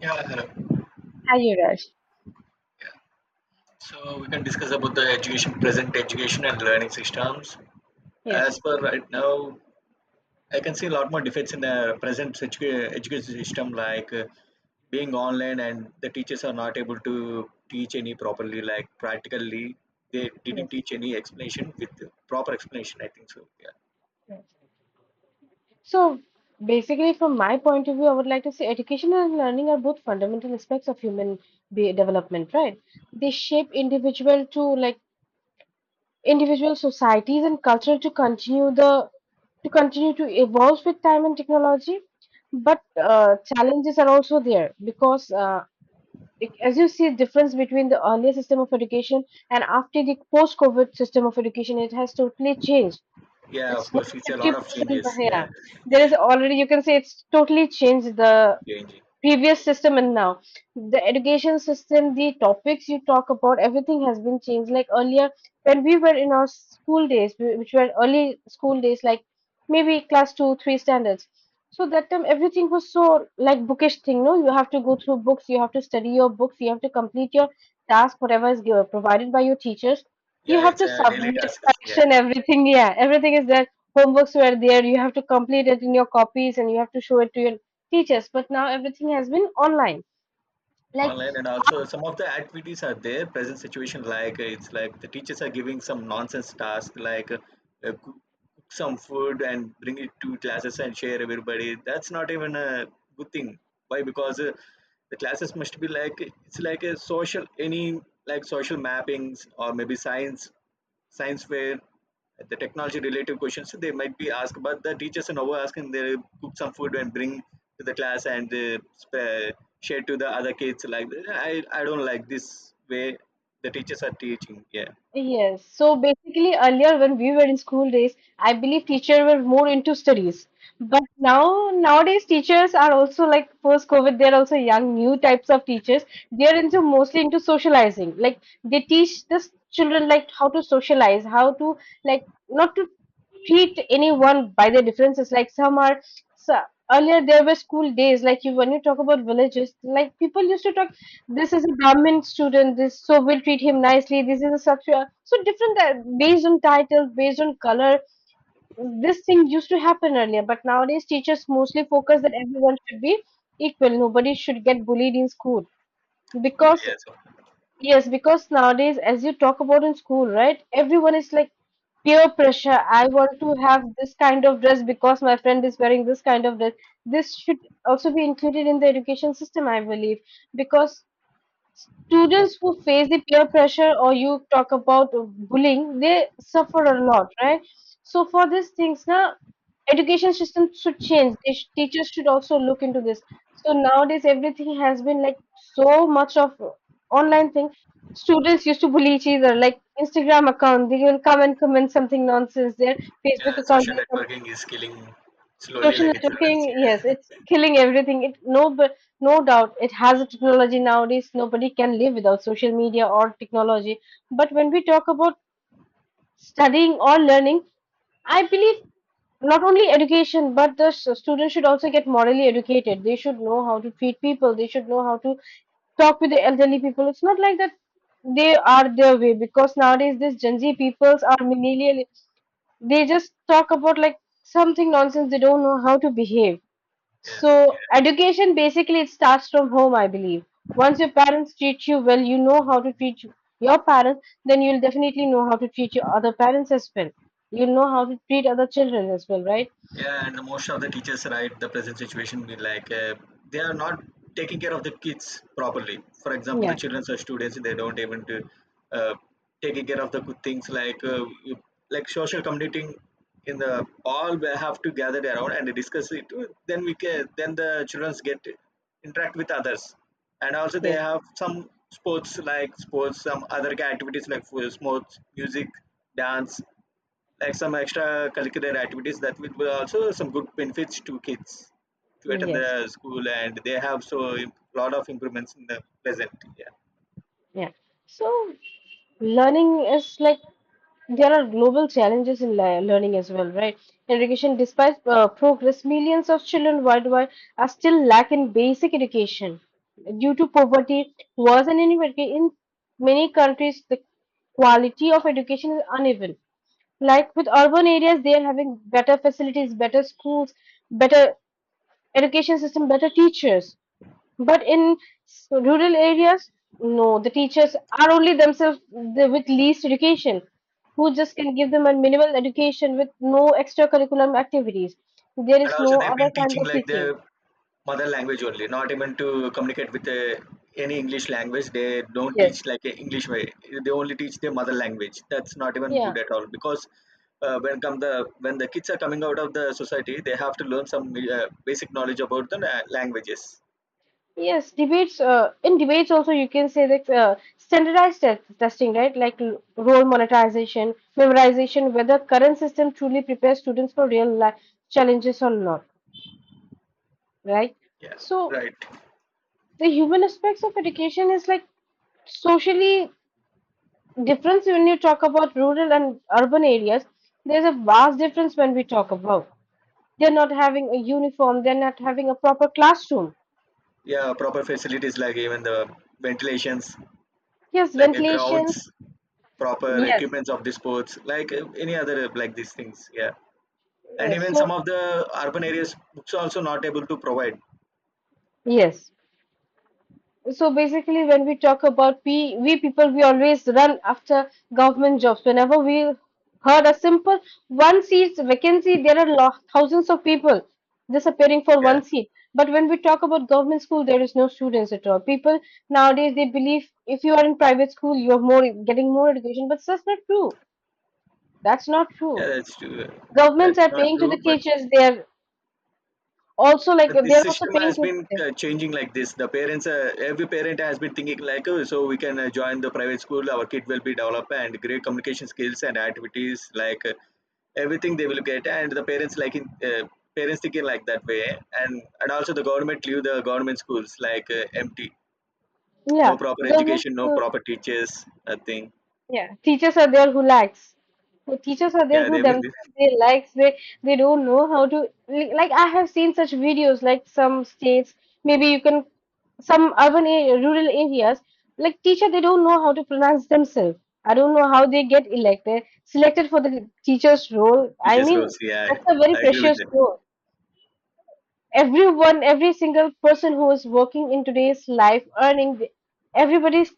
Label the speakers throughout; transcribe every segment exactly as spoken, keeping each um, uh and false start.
Speaker 1: Yeah, hello.
Speaker 2: Hi, Yuvraj.
Speaker 1: Yeah. So we can discuss about the education, present education and learning systems.
Speaker 2: Yes,
Speaker 1: As per right now, I can see a lot more defects in the present situa- education system, like uh, being online and the teachers are not able to teach any properly, like practically they didn't
Speaker 2: yes.
Speaker 1: teach any explanation with proper explanation. I think so. Yeah.
Speaker 2: yes. So basically, from my point of view, I would like to say education and learning are both fundamental aspects of human be development, right? They shape individual to like individual societies and culture to continue the to continue to evolve with time and technology. But uh, challenges are also there because uh, it- as you see, difference between the earlier system of education and after the post-COVID system of education, it has totally changed.
Speaker 1: Yeah, of
Speaker 2: It's not
Speaker 1: course, it's a lot of
Speaker 2: fifty percent, but
Speaker 1: changes.
Speaker 2: yeah.
Speaker 1: Yeah,
Speaker 2: There is already, you can say it's totally changed the
Speaker 1: changing.
Speaker 2: previous system, and now the education system, the topics you talk about, everything has been changed. Like earlier when we were in our school days, wh- which were early school days, like maybe class two three standards, so that time everything was so like bookish thing. No, you have to go through books, you have to study your books, you have to complete your task, whatever is given, provided by your teachers. You
Speaker 1: Yeah,
Speaker 2: have
Speaker 1: it's
Speaker 2: to
Speaker 1: a daily
Speaker 2: submit
Speaker 1: task. Yeah.
Speaker 2: correction, everything. Yeah, everything is there. Homeworks were there, you have to complete it in your copies and you have to show it to your teachers, but now everything has been online. Like,
Speaker 1: Online and also some of the activities are there present situation like uh, it's like the teachers are giving some nonsense task like uh, uh, cook, cook some food and bring it to classes and share everybody, that's not even a good thing. Why? Because uh, the classes must be like it's like a social any, like social mappings, or maybe science science where the technology related questions they might be asked, but the teachers are now asking they cook some food and bring to the class and uh, sp- share to the other kids like that. i i don't like this way the teachers are teaching. Yeah.
Speaker 2: yes. So basically, earlier when we were in school days, I believe teachers were more into studies. But now, nowadays, teachers are also like post COVID, they're also young, new types of teachers. They're into mostly into socializing. Like, they teach the s- children like how to socialize, how to like not to treat anyone by their differences. Like some are so earlier there were school days, like you when you talk about villages, like people used to talk this is a Brahmin student, this so we'll treat him nicely. This is a such so different uh, based on title, based on color. This thing used to happen earlier, but nowadays teachers mostly focus that everyone should be equal. Nobody should get bullied in school
Speaker 1: So,
Speaker 2: because
Speaker 1: yeah, so
Speaker 2: yes, because nowadays, as you talk about in school, right? Everyone is like peer pressure. I want to have this kind of dress because my friend is wearing this kind of dress. This should also be included in the education system, I believe, because students who face the peer pressure or you talk about bullying, they suffer a lot, right? So for these things, now education system should change. They sh- Teachers should also look into this. So nowadays, everything has been like so much of online thing. Students used to bully each other, like Instagram account. They will come and comment something nonsense there.
Speaker 1: yeah,
Speaker 2: Facebook account,
Speaker 1: social
Speaker 2: they come.
Speaker 1: networking is killing slowly
Speaker 2: Social
Speaker 1: like a children's.
Speaker 2: networking, yes,
Speaker 1: Yeah.
Speaker 2: it's killing everything. It no, but no doubt it has a technology nowadays. Nobody can live without social media or technology. But when we talk about studying or learning, I believe not only education, but the s- students should also get morally educated. They should know how to treat people. They should know how to talk with the elderly people. It's not like that they are their way because nowadays these Gen Z peoples are millennial. They just talk about like something nonsense. They don't know how to behave.
Speaker 1: Yes.
Speaker 2: So education basically it starts from home, I believe. Once your parents treat you well, you know how to treat you- your parents, then you'll definitely know how to treat your other parents as well. You'll know how to treat other children as well, right?
Speaker 1: Yeah, and most of the teachers, right, the present situation be like uh, they are not taking care of the kids properly. For example, the
Speaker 2: Yeah.
Speaker 1: children are students; they don't even do, uh, taking care of the good things like uh, you- like social commuting. In the all we have to gather around and discuss it. Then we can, then the children get to interact with others, and also they
Speaker 2: Yes.
Speaker 1: have some sports like sports, some other activities like sports, music, dance, like some extra curricular activities that will be also some good benefits to kids to attend
Speaker 2: Yes.
Speaker 1: the school, and they have so a lot of improvements in the present. Yeah.
Speaker 2: Yeah. So learning is like there are global challenges in le- learning as well, right? Education, despite uh, progress, millions of children worldwide are still lacking basic education due to poverty, wars, and inequality. In many countries, the quality of education is uneven. Like with urban areas, they are having better facilities, better schools, better education system, better teachers, but in s- rural areas, no, the teachers are only themselves the, with least education, who just can give them a minimal education with no extracurriculum activities. There
Speaker 1: And
Speaker 2: is no
Speaker 1: also they've
Speaker 2: other
Speaker 1: been
Speaker 2: kind
Speaker 1: teaching
Speaker 2: of
Speaker 1: like their
Speaker 2: teaching.
Speaker 1: mother language only, not even to communicate with uh, any english language. They don't teach
Speaker 2: Yes.
Speaker 1: like a english way. They only teach their mother language. That's not even
Speaker 2: Yeah.
Speaker 1: good at all because uh, when come the, when the kids are coming out of the society, they have to learn some uh, basic knowledge about the la- languages.
Speaker 2: Yes debates uh, in debates also you can say that uh, standardized te- testing, right? Like l- role monetization memorization, whether current system truly prepares students for real life challenges or not, right?
Speaker 1: Yeah.
Speaker 2: So
Speaker 1: Right.
Speaker 2: the human aspects of education is like socially difference when you talk about rural and urban areas. There's a vast difference when we talk about they're not having a uniform, they're not having a proper classroom.
Speaker 1: Yeah, proper facilities like even the ventilations,
Speaker 2: Yes,
Speaker 1: like a
Speaker 2: ventilations.
Speaker 1: grounds, proper
Speaker 2: Yes.
Speaker 1: equipments of the sports, like uh, any other uh, like these things. Yeah, and
Speaker 2: Yes.
Speaker 1: even some
Speaker 2: So
Speaker 1: of the urban areas, books are also not able to provide.
Speaker 2: yes. So basically, when we talk about we, we people, we always run after government jobs. Whenever we heard a simple one seat vacancy, there are lo- thousands of people disappearing for
Speaker 1: Yeah,
Speaker 2: one seat. But when we talk about government school, there is no students at all. People nowadays they believe if you are in private school, you are more getting more education, but that's not true. That's not
Speaker 1: yeah,
Speaker 2: true.
Speaker 1: that's true.
Speaker 2: Governments
Speaker 1: That's
Speaker 2: are
Speaker 1: not
Speaker 2: paying to
Speaker 1: true,
Speaker 2: the
Speaker 1: but
Speaker 2: teachers. They are also like
Speaker 1: But the
Speaker 2: they are also
Speaker 1: system
Speaker 2: paying
Speaker 1: has
Speaker 2: to
Speaker 1: been
Speaker 2: the
Speaker 1: uh, changing like this. The parents, uh, every parent has been thinking like, oh, so we can uh, join the private school. Our kid will be developed and great communication skills and activities like uh, everything they will get. And the parents like in, uh, parents thinking like that way. And and also the government leave the government schools like uh, empty,
Speaker 2: yeah
Speaker 1: no proper
Speaker 2: government.
Speaker 1: education, no proper teachers, nothing.
Speaker 2: Yeah, teachers are there who lacks. Who teachers are there
Speaker 1: Yeah,
Speaker 2: who
Speaker 1: they've been
Speaker 2: them they lacks. They they don't know how to li- like. I have seen such videos like some states. Maybe you can some urban area, rural areas like teacher they don't know how to pronounce themselves. I don't know how they get elected selected for the teacher's role. I
Speaker 1: teachers
Speaker 2: mean
Speaker 1: roles. Yeah,
Speaker 2: that's a very
Speaker 1: I agree with
Speaker 2: precious
Speaker 1: that.
Speaker 2: role. Everyone, every single person who is working in today's life earning the- everybody s-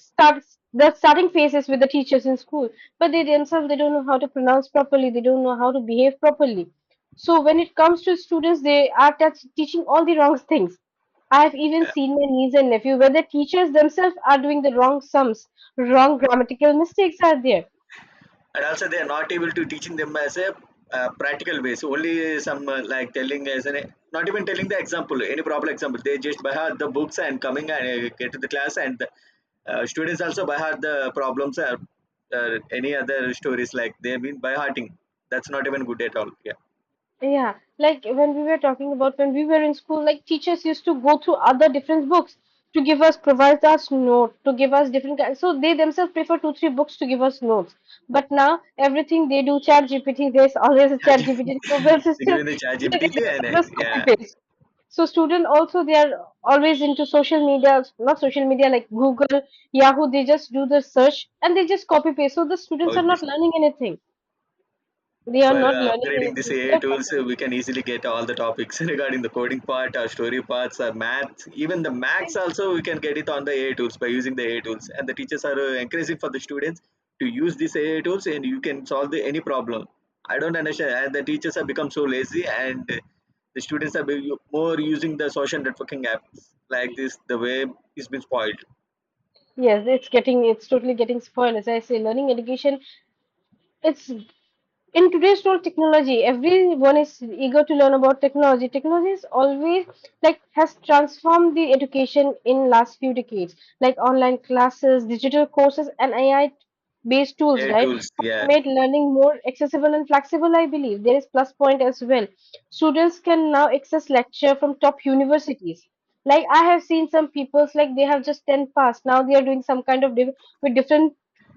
Speaker 2: starts the starting phases with the teachers in school, but they themselves they don't know how to pronounce properly, they don't know how to behave properly. So when it comes to students, they are touch teaching all the wrong things. I have even
Speaker 1: Yeah.
Speaker 2: seen my niece and nephew where the teachers themselves are doing the wrong sums, wrong grammatical mistakes are there.
Speaker 1: And also they are not able to teaching them as a uh, practical ways only, some uh, like telling as an, not even telling the example, any proper example. They just by heart the books and coming and uh, get to the class and the, uh, students also by heart the problems or uh, any other stories like they mean by hearting. That's not even good at all. Yeah.
Speaker 2: Yeah, like when we were talking about when we were in school, like teachers used to go through other different books to give us, provide us note, to give us different kinds. So they themselves prefer two, three books to give us notes. But now everything they do, chat G P T, there's always a
Speaker 1: They
Speaker 2: chat G P T Google
Speaker 1: give
Speaker 2: system.
Speaker 1: given the chat
Speaker 2: They
Speaker 1: gpt and uh,
Speaker 2: themselves just copy
Speaker 1: yeah,
Speaker 2: paste. So student also they are always into social media, not social media like Google, Yahoo. They just do the search and they just copy paste. So the
Speaker 1: how
Speaker 2: students
Speaker 1: it
Speaker 2: are
Speaker 1: is.
Speaker 2: not learning anything. They are
Speaker 1: By
Speaker 2: not
Speaker 1: uh,
Speaker 2: learning
Speaker 1: upgrading these
Speaker 2: anything
Speaker 1: A I
Speaker 2: without
Speaker 1: tools, uh,
Speaker 2: practice.
Speaker 1: we can easily get all the topics regarding the coding part, our story parts, our math, even the maths also we can get it on the A I tools by using the A I tools. And the teachers are uh, encouraging for the students to use these A I tools and you can solve the, any problem. I don't understand. And the teachers have become so lazy and uh, the students are be- more using the social networking apps like this. The way it's been spoiled.
Speaker 2: Yes, it's getting it's totally getting spoiled. As I say, learning education, it's in today's world technology, everyone is eager to learn about technology. Technology is always like has transformed the education in last few decades, like online classes, digital courses, and A I based tools,
Speaker 1: A I
Speaker 2: right,
Speaker 1: tools,
Speaker 2: have
Speaker 1: yeah,
Speaker 2: made learning more accessible and flexible, I believe. There is plus point as well. Students can now access lecture from top universities. Like I have seen some people's like they have just ten passed. Now they are doing some kind of div- with different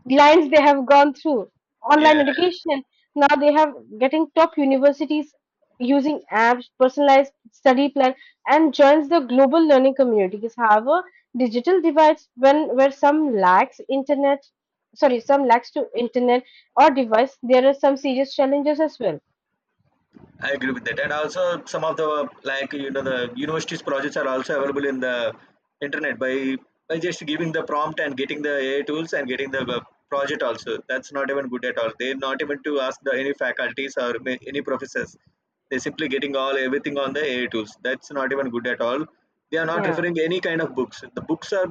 Speaker 2: lines they have gone through. Online
Speaker 1: yeah.
Speaker 2: education. Now they have getting top universities using apps, personalized study plan, and joins the global learning communities. However, digital divides when where some lacks internet, sorry, some lacks to internet or device, there are some serious challenges as well.
Speaker 1: I agree with that. And also some of the like you know the universities projects are also available in the internet by by just giving the prompt and getting the A I tools and getting the uh, project also. That's not even good at all. They're not even to ask the any faculties or ma- any professors. They're simply getting all everything on the A I tools. That's not even good at all. They are not
Speaker 2: Yeah,
Speaker 1: referring any kind of books. The books are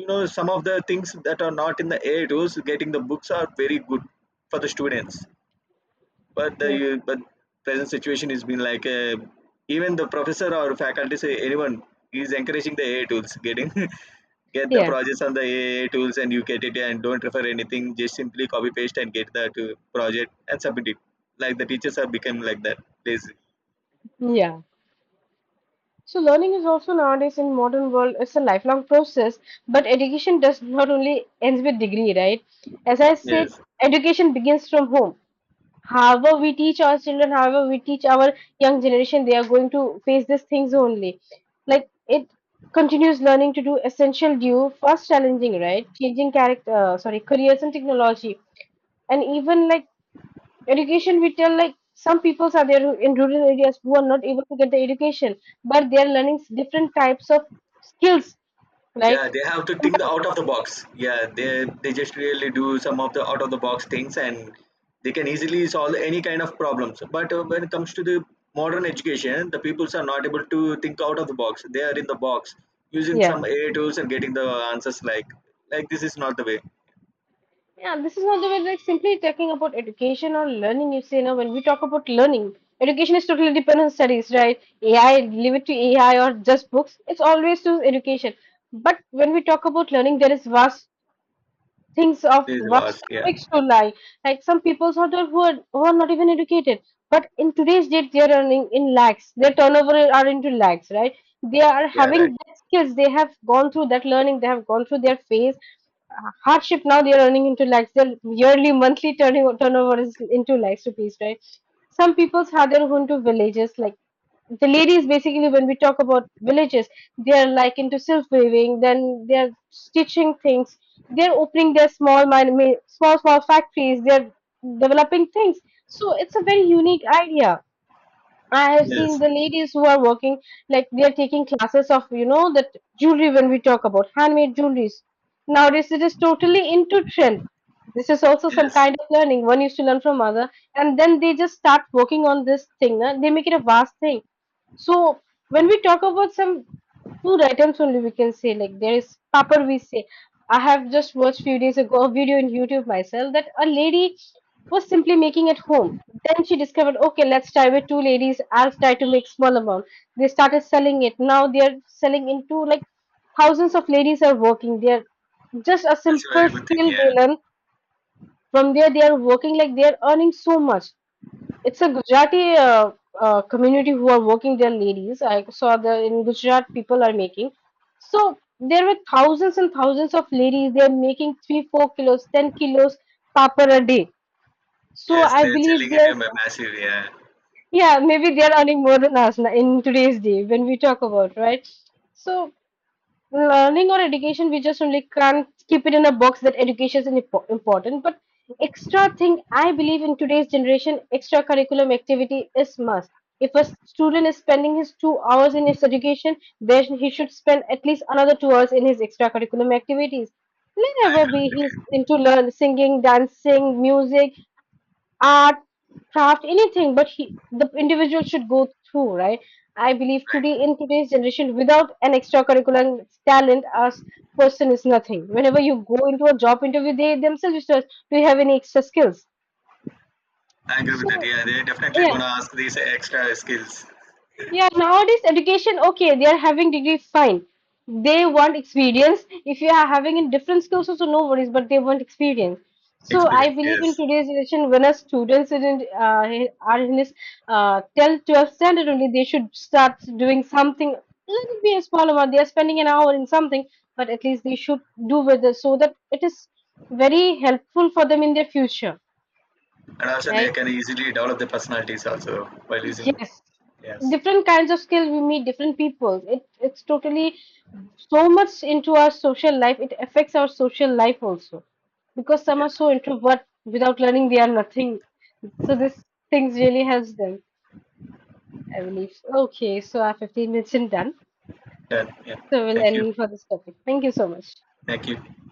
Speaker 1: you know some of the things that are not in the A I tools. Getting the books are very good for the students, but the
Speaker 2: yeah,
Speaker 1: you- but present situation has been like uh, even the professor or faculty say anyone is encouraging the A I tools getting get the
Speaker 2: yeah,
Speaker 1: projects on the A I tools and you get it and don't refer anything, just simply copy paste and get the to project and submit it, like the teachers have become like that lazy.
Speaker 2: yeah. So learning is also nowadays in modern world it's a lifelong process, but education does not only ends with degree, right? As I said,
Speaker 1: Yes.
Speaker 2: education begins from home. However, we teach our children, however, we teach our young generation, they are going to face these things only. Like it continues learning to do essential due, first challenging, right? Changing character, uh, sorry, careers and technology, and even like education we tell like some peoples are there who- in rural areas who are not able to get the education, but they are learning s- different types of skills like
Speaker 1: Yeah, they have to think out of the box. Yeah, they they just really do some of the out of the box things, and they can easily solve any kind of problems. But uh, when it comes to the modern education, the peoples are not able to think out of the box. They are in the box using
Speaker 2: yeah.
Speaker 1: some A I tools and getting the answers like like this is not the way.
Speaker 2: Yeah, this is not the way. Like simply talking about education or learning, you say now when we talk about learning, education is totally dependent on studies, right? AI leave it to AI or just books, it's always to education, but when we talk about learning, there is vast thinks of
Speaker 1: This is
Speaker 2: vast
Speaker 1: ours. Yeah,
Speaker 2: topics to lie. Like some people sort of who are, who are not even educated, but in today's date they are earning in lakhs. Their turnover are into lakhs, right? They are
Speaker 1: yeah, right.
Speaker 2: having that skills. They have gone through that learning. They have gone through their phase uh, hardship. Now they are earning into lakhs. Their yearly, monthly turning turnover is into lakhs rupees, right? Some people's are there who into villages like the ladies basically when we talk about villages they are like into silk weaving, then they are stitching things, they're opening their small man- ma- small small factories, they're developing things. So it's a very unique idea. I have seen
Speaker 1: Yes,
Speaker 2: the ladies who are working, like they are taking classes of, you know, that jewelry when we talk about handmade jewelries. Nowadays, it is totally into trend. This is also some
Speaker 1: yes,
Speaker 2: kind of learning. One used to learn from other, and then they just start working on this thing. Na? They make it a vast thing. So when we talk about some food items only, we can say like there is papad. We say I have just watched few days ago a video in YouTube myself that a lady was simply making at home. Then she discovered, okay, let's try with two ladies. I'll try to make small amount. They started selling it. Now they're selling into like thousands of ladies are working. They're just a
Speaker 1: that's a very
Speaker 2: simple
Speaker 1: good thing.
Speaker 2: skill
Speaker 1: Yeah,
Speaker 2: they learn. From there, they are working like they are earning so much. It's a Gujarati uh, uh, community who are working their ladies. I saw the in Gujarat people are making. So there were thousands and thousands of ladies. They're making three, four kilos, ten kilos papar a day, so
Speaker 1: yes, and
Speaker 2: I
Speaker 1: they're
Speaker 2: believe
Speaker 1: selling it
Speaker 2: there's,
Speaker 1: in a massive. Yeah,
Speaker 2: yeah, maybe they're earning more than us na- in today's day when we talk about, right? So learning or education, we just only can't keep it in a box that education is impo- important. But extra thing, I believe in today's generation, extracurriculum activity is must. If a student is spending his two hours in his education, then he should spend at least another two hours in his extracurriculum activities.
Speaker 1: I
Speaker 2: Whenever
Speaker 1: agree
Speaker 2: be
Speaker 1: with
Speaker 2: he's
Speaker 1: you.
Speaker 2: into learn singing, dancing, music, art, craft, anything, but he, the individual should go through, right? I believe today
Speaker 1: Right.
Speaker 2: in today's generation, without an extracurricular talent, as person is nothing. Whenever you go into a job interview, they themselves used to ask, "Do you have any extra skills?"
Speaker 1: I agree with that.
Speaker 2: So,
Speaker 1: Yeah, they're definitely
Speaker 2: yeah,
Speaker 1: gonna ask these extra skills,
Speaker 2: yeah, nowadays education, okay, they are having degree, fine. They want experience. If you are having in different skills, also no worries, but they want experience. So I
Speaker 1: experience.
Speaker 2: believe
Speaker 1: Yes,
Speaker 2: in today's generation, when a students is in, uh, are in this uh, tenth, twelfth standard only, they should start doing something. Let it be a small amount. They are spending an hour in something, but at least they should do with it so that it is very helpful for them in their future,
Speaker 1: and also they
Speaker 2: right.
Speaker 1: can easily develop their personalities also while using.
Speaker 2: Yes,
Speaker 1: Yes.
Speaker 2: different kinds of skill we meet different people. It it's totally so much into our social life. It affects our social life also because some
Speaker 1: Yeah.
Speaker 2: are so introvert without learning they are nothing. So this things really helps them, I believe. Okay, so our fifteen minutes is done.
Speaker 1: Done. Yeah.
Speaker 2: So we'll
Speaker 1: Thank you.
Speaker 2: end for this topic. Thank you so much.
Speaker 1: Thank you.